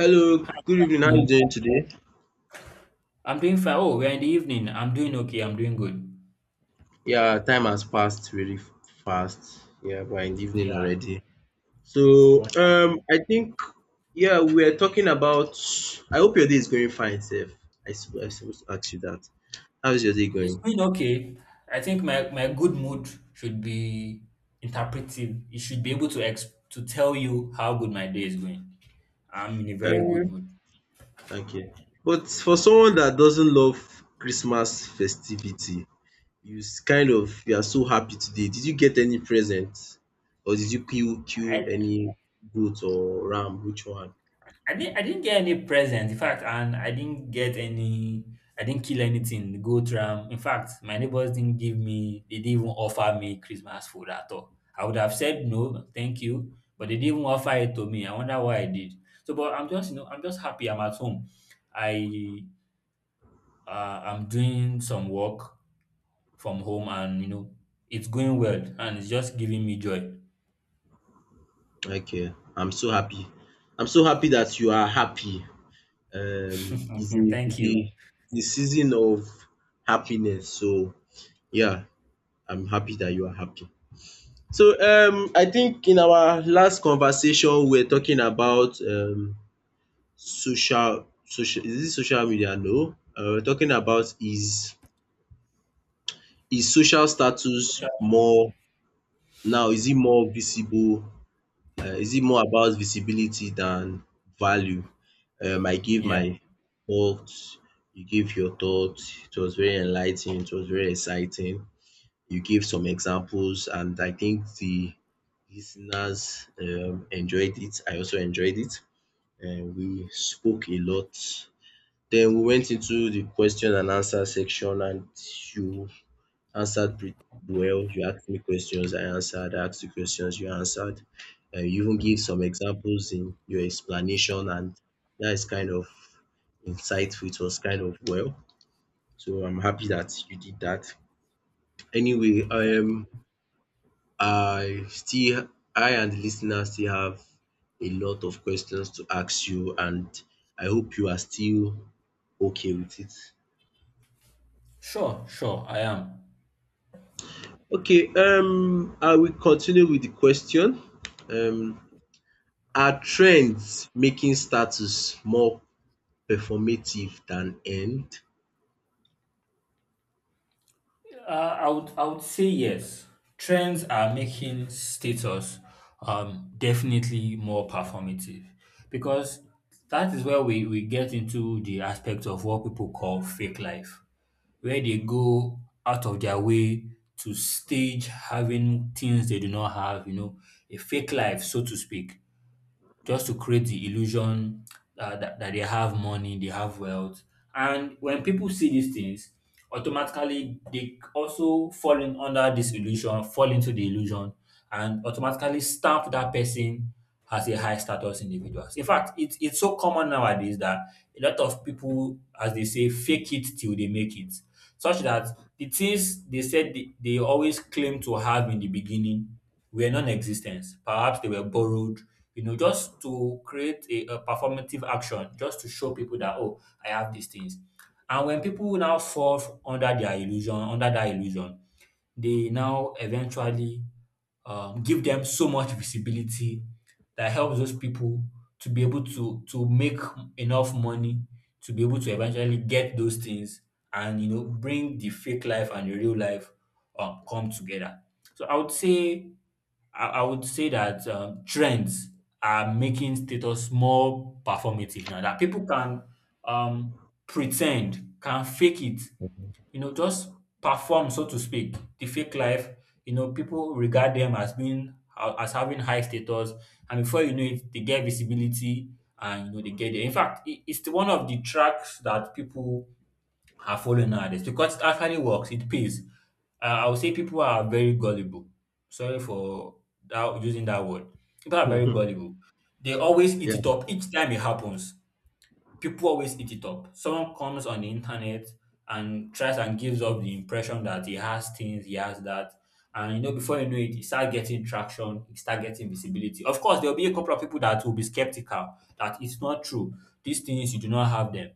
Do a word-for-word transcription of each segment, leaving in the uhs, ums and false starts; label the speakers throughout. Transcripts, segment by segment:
Speaker 1: Hello, good evening. How are you
Speaker 2: No,
Speaker 1: doing today?
Speaker 2: I'm doing fine. Oh, we're in the evening. I'm doing okay. I'm doing good.
Speaker 1: Yeah, time has passed really f- fast. Yeah, we're in the evening
Speaker 2: Yeah,
Speaker 1: already. So,
Speaker 2: wonder-
Speaker 1: um, I think yeah, we're talking about. I hope your day is going fine, Seth. I sup- I supposed to ask you that. How is your day
Speaker 2: it's
Speaker 1: going?
Speaker 2: going okay. I think my, my good mood should be interpretive. It should be able to ex to tell you how good my day is going. I'm in a very good
Speaker 1: Um,
Speaker 2: mood.
Speaker 1: okay. But for someone that doesn't love Christmas festivity, you s- kind of you are so happy today. Did you get any present, or did you kill kill
Speaker 2: I
Speaker 1: any goat or ram? Which one?
Speaker 2: I didn't I didn't get any present. In fact, and I didn't get any I didn't kill anything, Go ram. In fact, my neighbors didn't give me they didn't even offer me Christmas food at all. I would have said no, thank you, but they didn't even offer it to me. I wonder why I did. So but I'm just you know, I'm just happy I'm at home. I uh, I'm doing some work from home, and you know it's going well, and it's just giving me joy.
Speaker 1: Okay, I'm so happy. I'm so happy that you are happy. Um, it's a, it's
Speaker 2: Thank you.
Speaker 1: a, it's a season of happiness. So yeah, I'm happy that you are happy. So um, I think in our last conversation, we were talking about um, social, social. Is it social media? No, uh, we're talking about is is social status more now? Is it more visible? Uh, is it more about visibility than value? Um, I give
Speaker 2: Yeah.
Speaker 1: my thoughts, you give your thoughts. It was very enlightening, it was very exciting. You gave some examples, and I think the listeners um, enjoyed it. I also enjoyed it. And we spoke a lot. Then we went into the question and answer section, and you answered pretty well. You asked me questions, I answered. I asked you questions, you answered. And you even give some examples in your explanation, and that is kind of insightful. It was kind of well. So I'm happy that you did that. Anyway, um, I still, I and the listener still have a lot of questions to ask you, and I hope you are still okay with it.
Speaker 2: Sure, sure, I am.
Speaker 1: Okay, um, I will continue with the question. Um, Are trends making status more performative than earned?
Speaker 2: Uh, I would I would say yes. Trends are making status um, definitely more performative because that is where we, we get into the aspect of what people call fake life, where they go out of their way to stage having things they do not have, you know, a fake life, so to speak, just to create the illusion uh, that, that they have money, they have wealth. And when people see these things, automatically they also fall in under this illusion, fall into the illusion, and automatically stamp that person as a high status individual. In fact, it it's so common nowadays that a lot of people, as they say, fake it till they make it, such that the things they said they, they always claim to have in the beginning were non-existent. Perhaps they were borrowed, you know, just to create a, a performative action, just to show people that, oh, I have these things. And when people now fall under their illusion, under that illusion, they now eventually um, give them so much visibility that helps those people to be able to to make enough money to be able to eventually get those things, and you know bring the fake life and the real life um, come together. So I would say I, I would say that um, trends are making status more performative now that people can um, pretend, can fake it, you know, just perform, so to speak, the fake life. You know, people regard them as being as having high status, and before you know it, they get visibility, and you know they get there. In fact, it, it's the one of the tracks that people are following nowadays because it actually works. It pays. Uh, I would say people are very gullible. Sorry for that using that word. People are very gullible. They always
Speaker 1: Yeah,
Speaker 2: eat it up each time it happens. People always eat it up. Someone comes on the internet and tries and gives up the impression that he has things, he has that. And you know, before you know it, he start getting traction, he start getting visibility. Of course, there'll be a couple of people that will be skeptical that it's not true. These things you do not have them.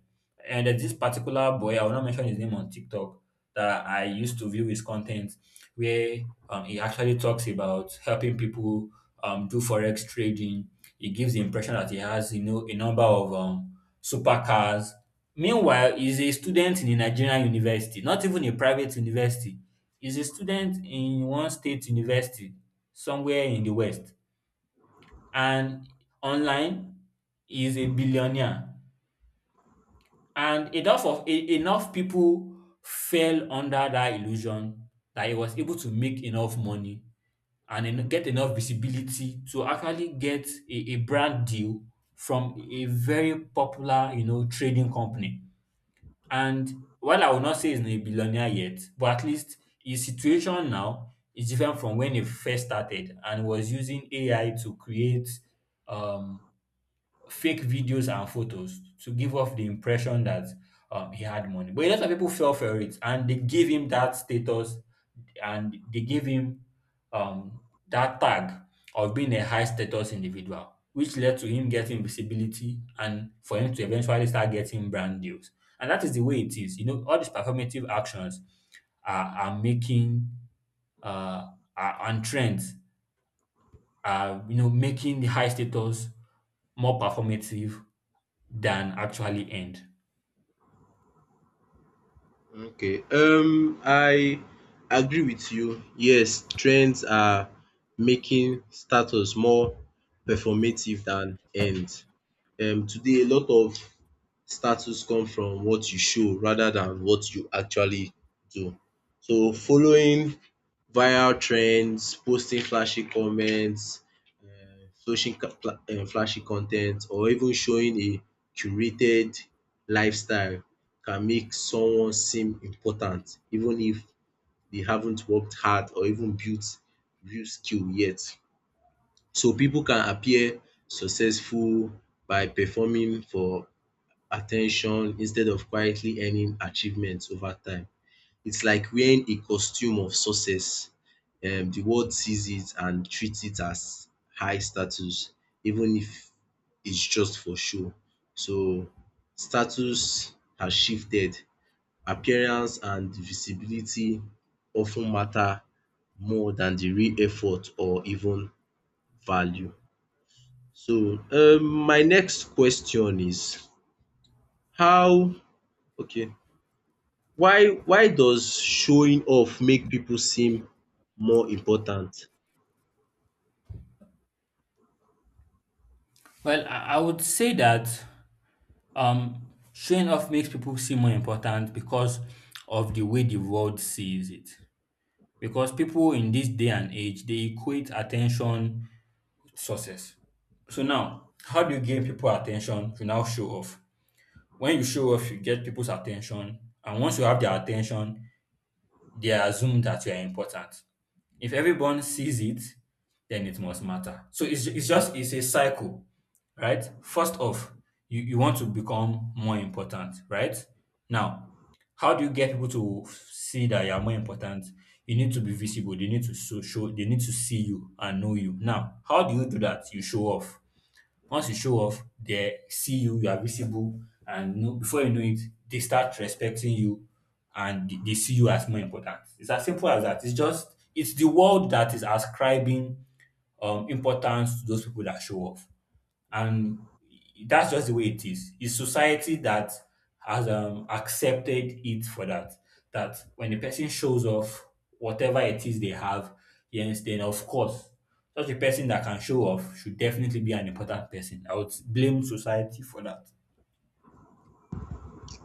Speaker 2: And there's this particular boy, I will not mention his name, on TikTok, that I used to view his content, where um, he actually talks about helping people um, do forex trading. He gives the impression that he has, you know, a number of um, supercars. Meanwhile, he's a student in a Nigerian university, not even a private university. He's a student in one state university somewhere in the West. And online, he's a billionaire. And enough of e enough people fell under that illusion that he was able to make enough money and en get enough visibility to actually get a a brand deal from a very popular, you know, trading company. And while I would not say he's not a billionaire yet, but at least his situation now is different from when he first started and was using A I to create um fake videos and photos to give off the impression that um, he had money. But a lot of people fell for it, and they gave him that status, and they gave him um, that tag of being a high status individual, which led to him getting visibility and for him to eventually start getting brand deals. And that is the way it is. You know, all these performative actions are, are making uh, are, and trends are, you know, making the high status more performative than actually end?
Speaker 1: okay. Um, I agree with you. Yes, trends are making status more performative than earned. Um, today a lot of status come from what you show rather than what you actually do. So following viral trends, posting flashy comments, social ca- um, flashy content, or even showing a curated lifestyle can make someone seem important even if they haven't worked hard or even built real skill yet. So people can appear successful by performing for attention instead of quietly earning achievements over time. It's like wearing a costume of success. Um, the world sees it and treats it as high status, even if it's just for show. So status has shifted. Appearance and visibility often matter more than the real effort or even value. So um my next question is how, okay, why why does showing off make people seem more important?
Speaker 2: Well, I I would say that um, showing off makes people seem more important because of the way the world sees it. Because people in this day and age, they equate attention to success. So now, how do you gain people attention? You now show off. When you show off, you get people's attention, and once you have their attention, they assume that you are important. If everyone sees it, then it must matter. So it's, it's just it's a cycle. Right? First off, you, you want to become more important, right? Now, how do you get people to see that you are more important? You need to be visible. They need to so show. They need to see you and know you. Now, how do you do that? You show off. Once you show off, they see you. You are visible, and know, before you know it, they start respecting you, and they they see you as more important. It's as simple as that. It's just it's the world that is ascribing um importance to those people that show off, and that's just the way it is. It's society that has um, accepted it for that. That when a person shows off whatever it is they have, yes, then of course, such a person that can show off should definitely be an important person. I would blame society for that.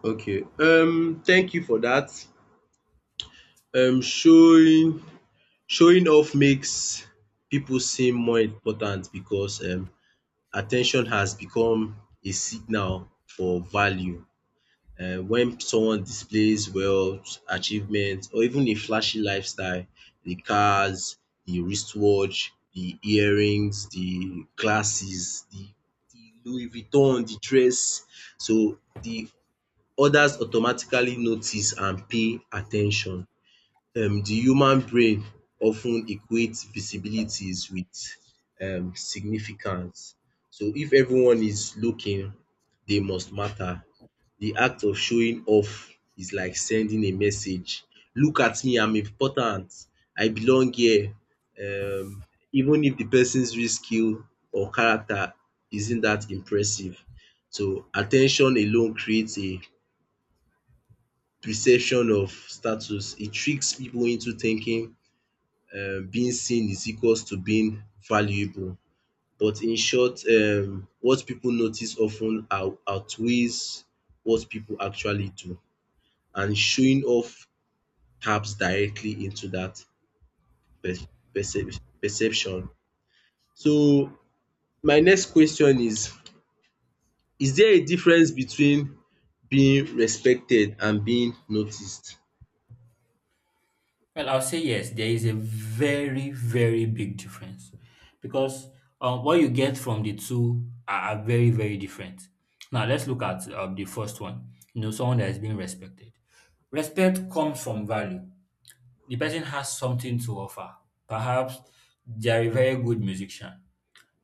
Speaker 1: Okay, um thank you for that. um Showing showing off makes people seem more important because um at has become a signal for value um when someone displays wealth, achievement or even a flashy lifestyle, the cars, the wristwatch, the earrings, the glasses, the the Louis Vuitton, the dress. So the others automatically notice and pay attention. Um the human brain often equates visibilities with um significance. So if everyone is looking, they must matter. The act of showing off is like sending a message. Look at me, I'm important. I belong here. Um Even if the person's real skill or character isn't that impressive. So attention alone creates a perception of status. It tricks people into thinking um being seen is equals to being valuable. But in short, um what people notice often out outweighs what people actually do, and showing off taps directly into that perce percep perception. So my next question is, is there a difference between being respected and being noticed?
Speaker 2: Well, I'll say yes, there is a very, very big difference because um, what you get from the two are, are very, very different. Now, let's look at um, the first one. You know, someone that is being respected. Respect comes from value. The person has something to offer. Perhaps they are a very good musician.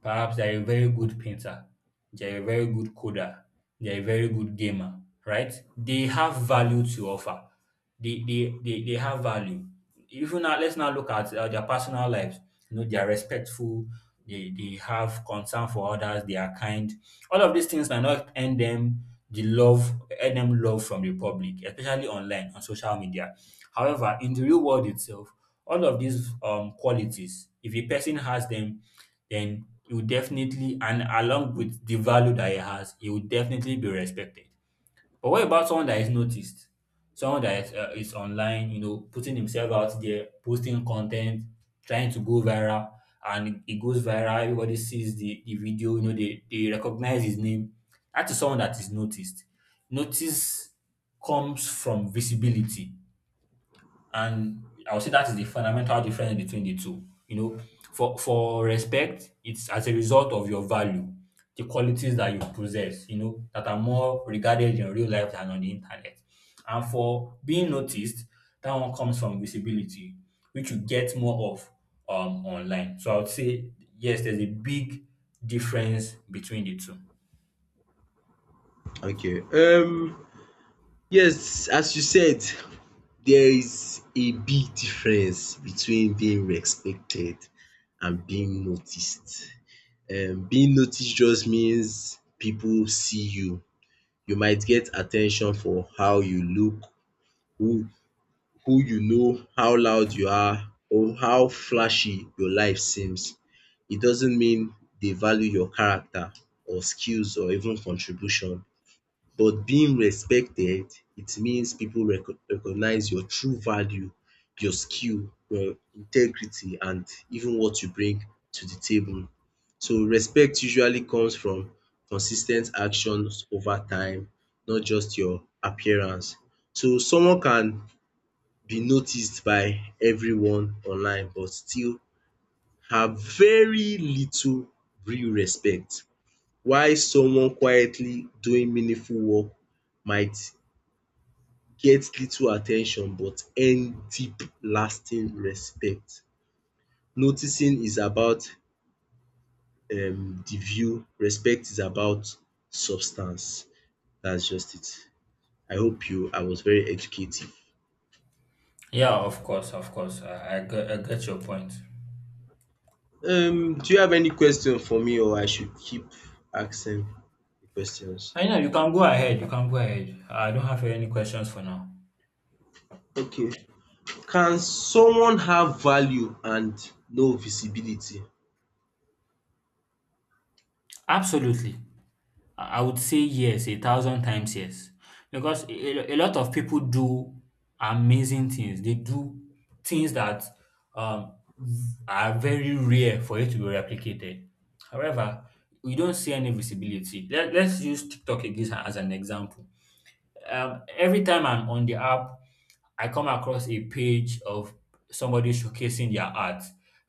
Speaker 2: Perhaps they're a very good painter, they're a very good coder, they're a very good gamer, right? They have value to offer. They they they, they have value. Even now, let's now look at uh, their personal lives. You know, they are respectful. They, they have concern for others. They are kind. All of these things might not earn them the love, earn them love from the public, especially online on social media. However, in the real world itself, all of these um, qualities, if a person has them, then it will definitely, and along with the value that he has, it will definitely be respected. But what about someone that is noticed? Someone that is, uh, is online, you know, putting himself out there, posting content, trying to go viral, and it goes viral. Everybody sees the, the video, you know, they, they recognize his name. That is someone that is noticed. Notice comes from visibility, and I would say that is the fundamental difference between the two. You know, for for respect, it's as a result of your value, the qualities that you possess, you know, that are more regarded in real life than on the internet. And for being noticed, that one comes from visibility, which you get more of um online. So I would say yes, there's a big difference between the two.
Speaker 1: Okay. um Yes, as you said, there is a big difference between being respected and being noticed. Um being noticed just means people see you. You might get attention for how you look, who who you know, how loud you are or how flashy your life seems. It doesn't mean they value your character or skills or even contribution. But being respected, it means pipu recognize your true value, your skill, your integrity and even what you bring to the table. So respect usually comes from consis ten t actions over time, not just your appearance. So someone can be noticed by everyone online but still have very little real respect, while someone quietly doing meaningful work might gets little attention but earn deep lasting respect. Noticing is about um the view, respect is about substance. That's just it. I hope you I was very educative.
Speaker 2: Yeah, of course, of course. I, I, get, I get your point.
Speaker 1: Um do you have any question for me or I should keep asking the questions?
Speaker 2: I know you can go ahead. You can go ahead. I don't have any questions for now.
Speaker 1: Okay. Can someone have value and no visibility?
Speaker 2: Absolutely. I I would say yes, a thousand times yes. Because a, a a lot of people do amazing things. They do things that um, are very rare for it to be replicated. However, we don't see any visibility. Let, let's use TikTok again as an example. Um, every time I'm on the app, I come across a page of somebody showcasing their art,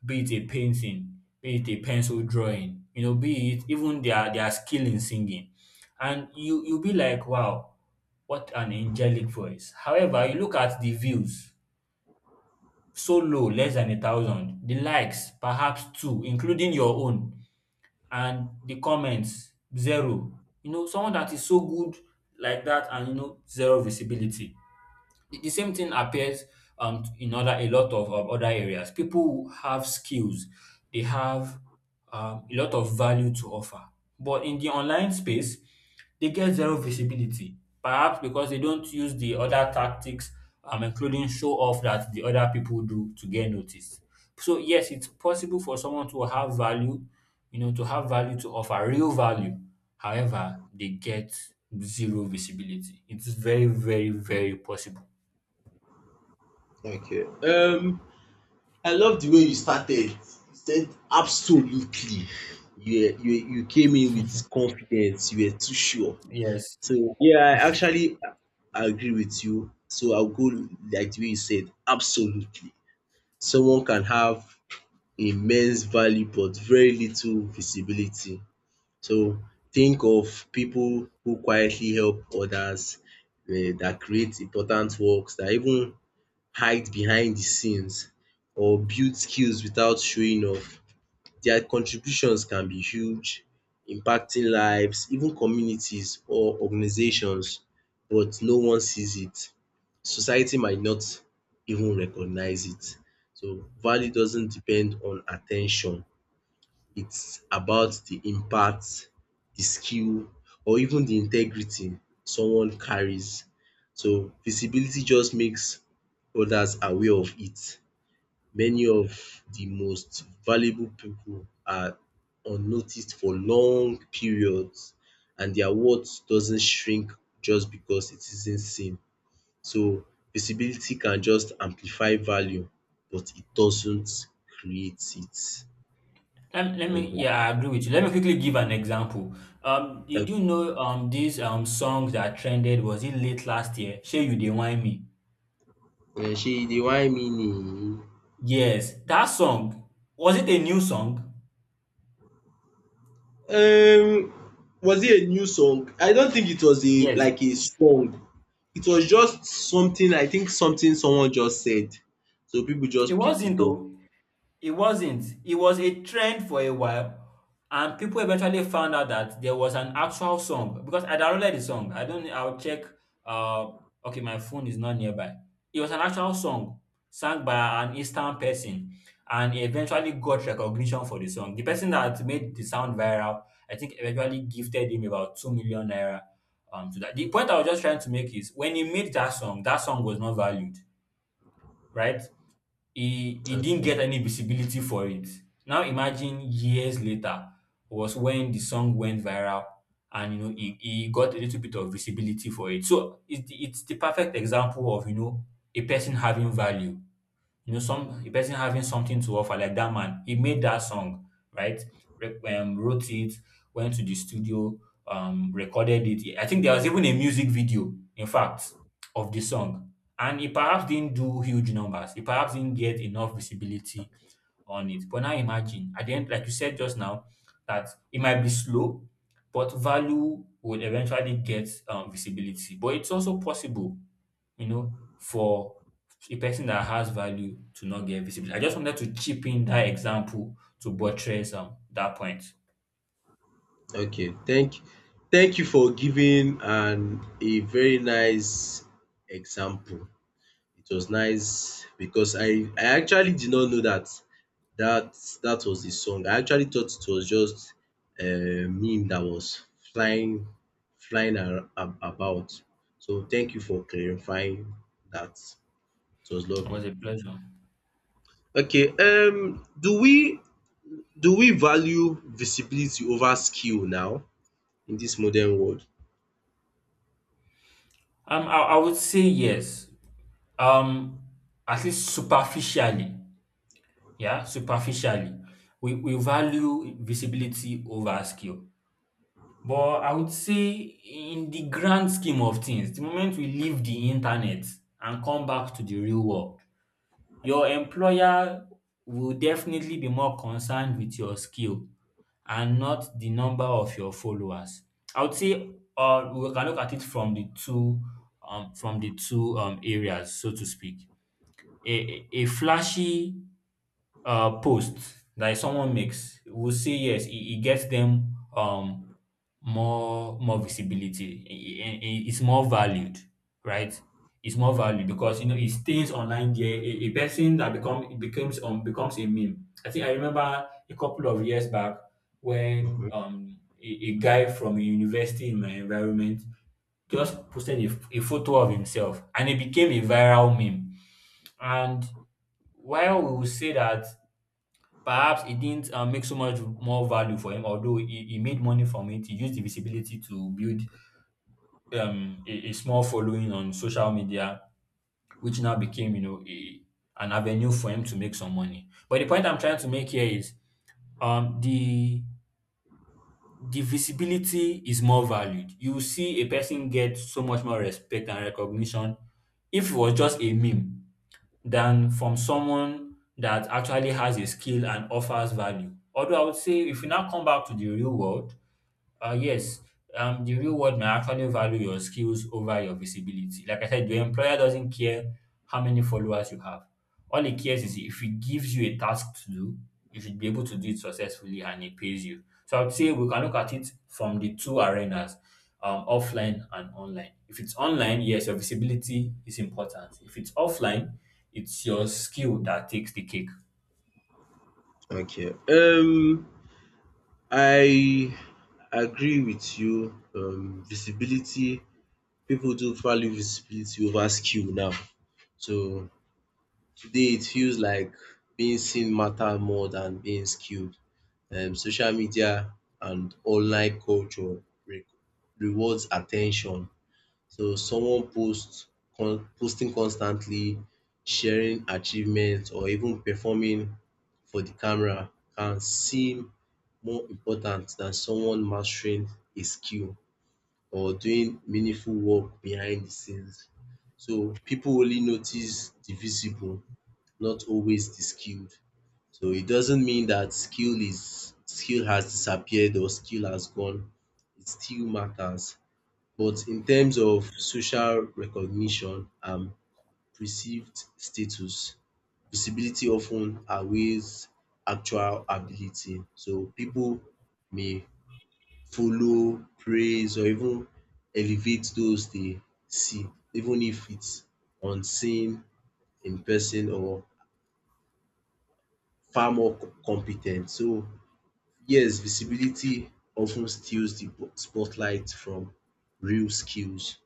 Speaker 2: be it a painting, be it a pencil drawing, you know, be it even their their skill in singing, and you you'll be like, wow, what an angelic voice. However, you look at the views, so low, less than a thousand, the likes, perhaps two, including your own, and the comments, zero. You know, someone that is so good like that, and you know, zero visibility. The the same thing appears um, in other, a lot of of other areas. People who have skills, they have um, a lot of value to offer, but in the online space, they get zero visibility. Perhaps because they don't use the other tactics, um, including show off, that the other people do to get noticed. So yes, it's possible for someone to have value, you know, to have value to offer real value. However, they get zero visibility. It's very, very, very possible.
Speaker 1: Okay. Um I love the way you started. You said absolutely. You you you came in with confidence. You were too sure.
Speaker 2: Yes.
Speaker 1: So yeah, I actually a- agree with you. So I'll go like the way you said, absolutely. Someone can have immense value but very little visibility. So think of people who quietly help others, eh, that create important works, that even hide behind the scenes or build skills without showing off. Their contributions can be huge, impacting lives, even communities or organizations, but no one sees it. Society might not even recognize it. So value doesn't depend on attention. It's about the impact, the skill or even the integrity someone carries. So visibility just makes others aware of it. Many of the most valuable people are unnoticed for long periods and their worth doesn't shrink just because it isn't seen. So visibility can just amplify value but it doesn't create it.
Speaker 2: Let, let me,
Speaker 1: Mhm.
Speaker 2: yeah, I agree with you. Let me quickly give an example. Um, did you do know um this um song that trended, was it late last year? Shey You Dey Whine Me.
Speaker 1: um she the whine me.
Speaker 2: Yes, that song, was it a new song?
Speaker 1: Um, was it a new song? I don't think it was a
Speaker 2: Yes,
Speaker 1: like a song. It was just something, I think something someone just said. So people
Speaker 2: it
Speaker 1: just picked it
Speaker 2: wasn't
Speaker 1: up.
Speaker 2: though. It wasn't. It was a trend for a while, and people eventually found out that there was an actual song because I downloaded the song. I don't. I'll check. Uh, okay, my phone is not nearby. It was an actual song sung by an Eastern person, and he eventually got recognition for the song. The person that made the sound viral, I think, eventually gifted him about two million naira. Um, to that. The point I was just trying to make is when he made that song, that song was not valued, right? he he didn't
Speaker 1: Okay.
Speaker 2: get any visibility for it. Now imagine years later was when the song went viral, and you know he, he got a little bit of visibility for it. So it's the, it's the perfect example of, you know, a person having value, you know, some a person having something to offer. Like that man, he made that song, right? Re- um, wrote it, went to the studio, um, recorded it. I think there was even a music video, in fact, of the song. And he perhaps didn't do huge numbers. He perhaps didn't get enough visibility on it. But now imagine, at the end, like you said just now, that it might be slow, but value would eventually get um, visibility. But it's also possible, you know, for a person that has value to not get visibility. I just wanted to chip in that example to buttress um that point.
Speaker 1: Okay, thank thank you for giving an a very nice example. It was nice because I I actually did not know that that that was the song. I actually thought it was just a meme that was flying flying ar- ab- about. So thank you for clarifying that. It was
Speaker 2: It
Speaker 1: lovely.
Speaker 2: was a pleasure.
Speaker 1: Okay, um do we do we value visibility over skill now in this modern world?
Speaker 2: Um, I, I would say yes. Um, at least superficially, yeah, superficially, we, we value visibility over skill. But I would say, in the grand scheme of things, the moment we leave the internet and come back to the real world, your employer will definitely be more concerned with your skill and not the number of your followers. I would say, or we can look at it from the two um from the two um areas, so to speak. A a a flashy uh, posts that someone makes, will say yes, it, it gets them um more more visibility. It it it's more valued, right? It's more valued because, you know, it stays online there. A, a person that become it becomes um becomes a meme. I think I remember a couple of years back when
Speaker 1: Mhm.
Speaker 2: um a, a guy from a university in my environment just posted a, a photo of himself, and it became a viral meme. And while we will say that perhaps it didn't um, make so much more value for him, although he, he made money from it. He used the visibility to build um, a, a small following on social media, which now became, you know, a, an avenue for him to make some money. But the point I'm trying to make here is, um, the the visibility is more valued. You see a person get so much more respect and recognition if it was just a meme than from someone that actually has a skill and offers value. Although I would say if we now come back to the real world, uh, yes, um, the real world may actually value your skills over your visibility. Like I said, your employer doesn't care how many followers you have. All he cares is if he gives you a task to do, you should be able to do it successfully and he pays you. So I would say we can look at it from the two arenas, um, offline and online. If it's online, yes, your visibility is important. If it's offline, it's your skill that takes the cake.
Speaker 1: Okay. Um I agree with you. Um visibility, people do value visibility over skill now. So today it feels like being seen matter more than being skilled. Um, social media and online culture re- rewards attention. So someone posts con- posting constantly, sharing achievements or even performing for the camera can seem more important than someone mastering a skill or doing meaningful work behind the scenes. So people only notice the visible, not always the skilled. So it doesn't mean that skill is skill has disappeared or skill has gone. It still matters. But in terms of social recognition and perceived status, visibility often outweighs actual ability. So people may follow, praise or even elevate those they see, even if it's unseen, in person or far more compe ten. So yes, visibility often steals the bo- spotlight from real skills.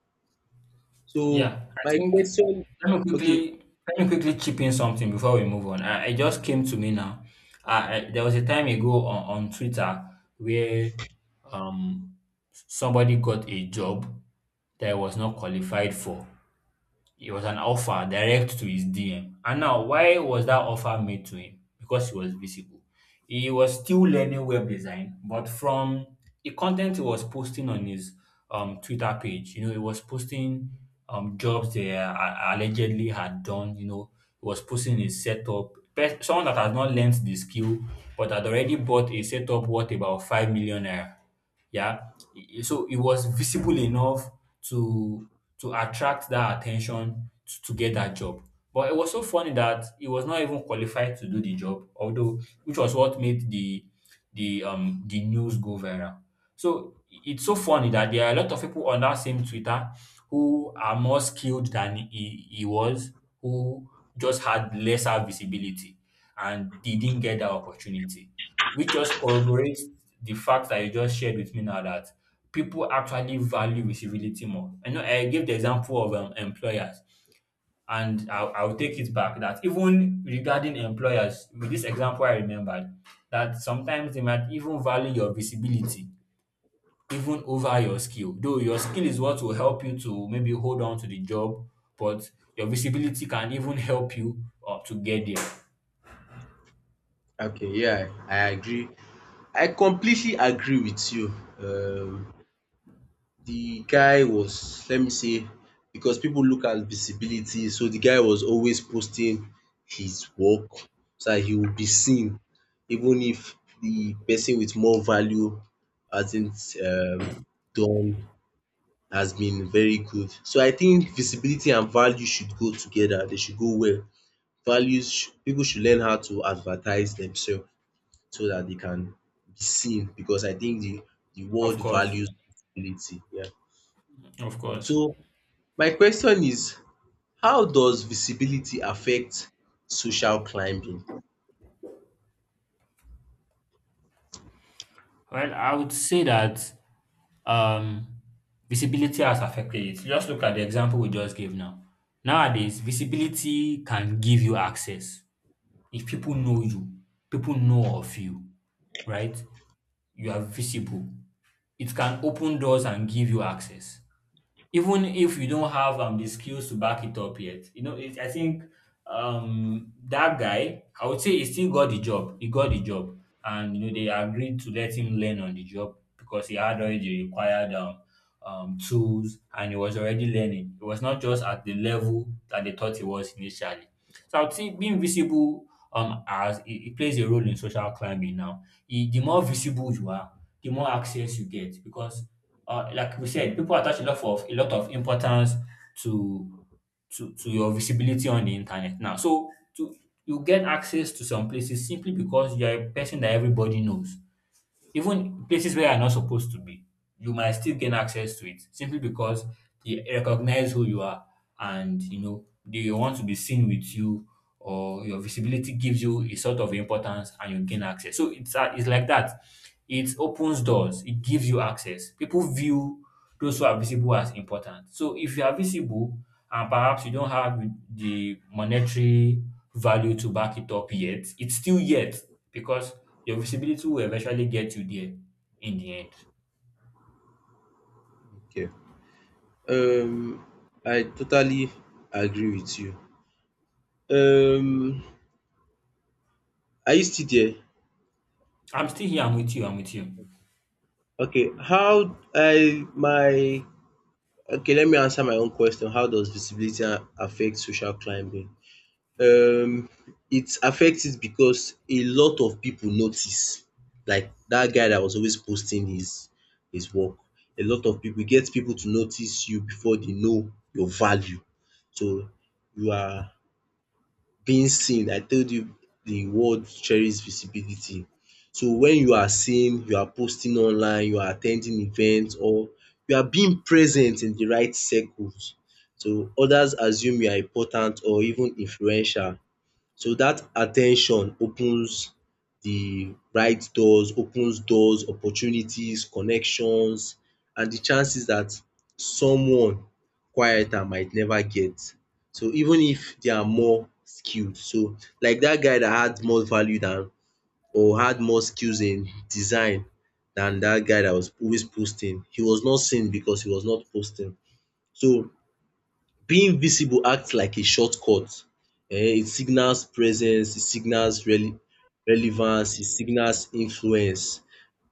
Speaker 1: So
Speaker 2: Yeah, I
Speaker 1: my
Speaker 2: think,
Speaker 1: question,
Speaker 2: let me
Speaker 1: okay,
Speaker 2: quickly let me quickly chip in something before we move on. I, it just came to me now. I, I, there was a time ago on, on Twitter where um somebody got a job that I was not qualified for. It was an offer direct to his D M. And now, why was that offer made to him? Because he was visible. He was still learning web design, but from the content he was posting on his um, Twitter page, you know, he was posting um, jobs they uh, allegedly had done, you know, he was posting his setup. Pe- Someone that has not learned the skill but had already bought a setup worth about five million naira. Yeah. I- So it was visible enough to to attract that attention to, to get that job. But it was so funny that he was not even qualified to do the job, although which was what made the the um the news go viral. So i- it's so funny that there are a lot of people on that same Twitter who are more skilled than he, he was, who just had lesser visibility, and they didn't get that opportunity, which just corroborates the fact that you just shared with me now that people actually value visibility more. I know I gave the example of um, employers, and I'll, I'll take it back that even regarding employers, with this example I remembered, that sometimes they might even value your visibility even over your skill. Though your skill is what will help you to maybe hold on to the job, but your visibility can even help you uh, to get there.
Speaker 1: okay, yeah, I agree, I completely agree with you. um The guy was, let me say, because people look at visibility, so the guy was always posting his work so that he would be seen, even if the person with more value hasn't um done, has been very good. So I think visibility and value should go together, they should go well. Values sh- people should learn how to advertise themselves so that they can be seen because I think the the
Speaker 2: Of
Speaker 1: world
Speaker 2: course,
Speaker 1: values visibility. Yeah.
Speaker 2: of course.
Speaker 1: So my question is, how does visibility affect social climbing?
Speaker 2: Well, I would say that, Um, visibility has affected it. Just look at the example we just gave now. Nowadays, visibility can give you access. If people know you, people know of you, right? You are visible. It can open doors and give you access even if you don't have um, the skills to back it up yet. You know, it, I think, um, that guy, I would say he still got the job. He got the job, and you know they agreed to let him learn on the job because he had already the required um, um, tools, and he was already learning. It was not just at the level that they thought it was initially. So I would say being visible um as it, it plays a role in social climbing now. E- the more visible you are, the more access you get because, uh, like we said, people attach a lot of a lot of importance to to to your visibility on the internet now. So to you get access to some places simply because you are a person that everybody knows. Even places where you're not supposed to be, you might still gain access to it simply because they recognize who you are, and you know they want to be seen with you, or your visibility gives you a sort of importance and you gain access. So it's uh, it's like that. It opens doors, it gives you access, people view those who are visible as important. So if you are visible and perhaps you don't have the monetary value to back it up yet, it's still yet because your visibility will eventually get you there in the end.
Speaker 1: Okay, um I totally agree with you. Um are you still there?
Speaker 2: I'm still here, I'm with you, I'm with you.
Speaker 1: Okay, how I my okay let me answer my own question. How does visibility a- affect social climbing? um it affects it because a lot of people notice, like that guy that was always posting his his work. A lot of people get people to notice you before they know your value. So you are being seen. I told you the world cherishes visibility. So when you are seen, you are posting online, you are attending events, or you are being present in the right circles, so others assume you are important or even influential. So that attention opens the right doors, opens doors, opportunities, connections and the chances that someone quieter might never get. So even if they are more skilled. So like that guy that had more value than or had more skills in design than that guy that was always posting. He was not seen because he was not posting. So being visible acts like a shortcut, um it signals presence, it signals rele- relevance, it signals influence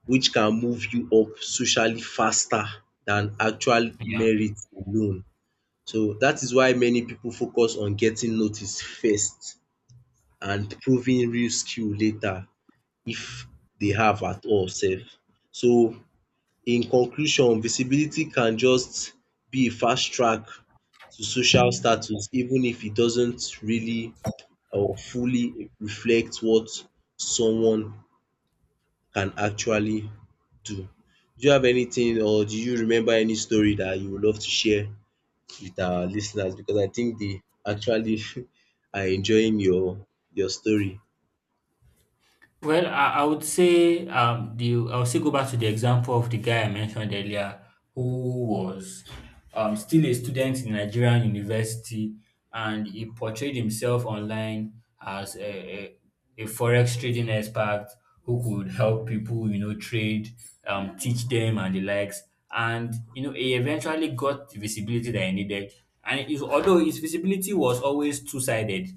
Speaker 1: which can move you up socially faster than actual
Speaker 2: Yeah.
Speaker 1: merit alone. So dat is why many pipu focus on getting noticed first and proving real skill later if dey have at all sef. So in conclusion, visibility can just be a fast track to social status, even if it doesn't really or fully reflect what someone can actually do. Do you have anything or do you remember any story that you would love to share with our listeners? Because I think they actually are enjoying your your story.
Speaker 2: Well, I, I would say um the, I'll still go back to the example of the guy I mentioned earlier who was um still a student in Nigerian university, and he portrayed himself online as a, a, a forex trading expert who could help people, you know, trade, um, teach them and the likes. And you know, he eventually got the visibility that he needed. And it, although his visibility was always two-sided,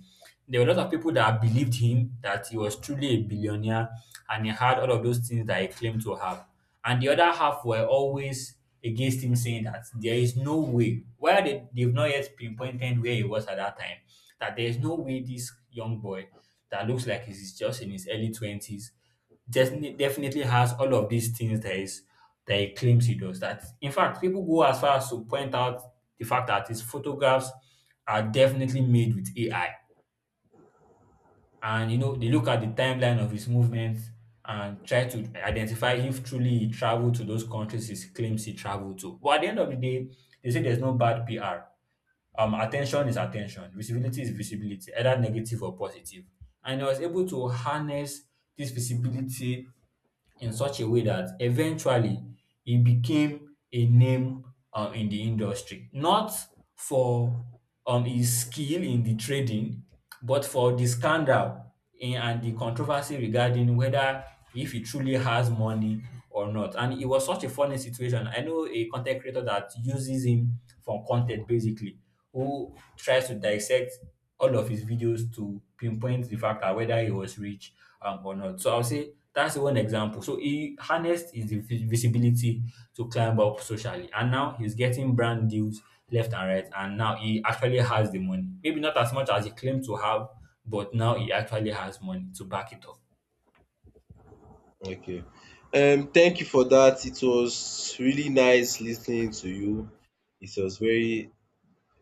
Speaker 2: there were a lot of people that believed him that he was truly a billionaire and he had all of those things that he claimed to have. And the other half were always against him, saying that there is no way, where they, they've not yet pinpointed where he was at that time, that there is no way this young boy that looks like he's just in his early twenties definitely definitely has all of these things that is that he claims he does. That in fact, people go as far as to point out the fact that his photographs are definitely made with A I, and you know they look at the timeline of his movements and try to identify if truly he traveled to those countries he claims he traveled to. But at the end of the day, they say there's no bad P R. Um, attention is attention, visibility is visibility, either negative or positive. And he was able to harness this visibility in such a way that eventually he became a name um, in the industry, not for um, his skill in the trading, but for the scandal in, and the controversy regarding whether if he truly has money or not. And it was such a funny situation. I know a content creator that uses him for content basically, who tries to dissect all of his videos to pinpoint the fact that whether he was rich um, or not. So I'll say that's one example. So he harnessed his vi- visibility to climb up socially, and now he's getting brand deals left and right. And now he actually has the money. Maybe not as much as he claimed to have, but now he actually has money to back it up.
Speaker 1: Okay. Um, thank you for that. It was really nice listening to you. It was very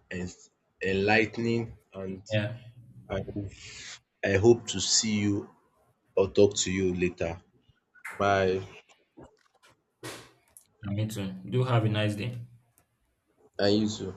Speaker 1: ens- enlightening, and
Speaker 2: Yeah,
Speaker 1: I, I hope to see you or talk to you later. Bye.
Speaker 2: me too. Do have a nice day.
Speaker 1: And you too.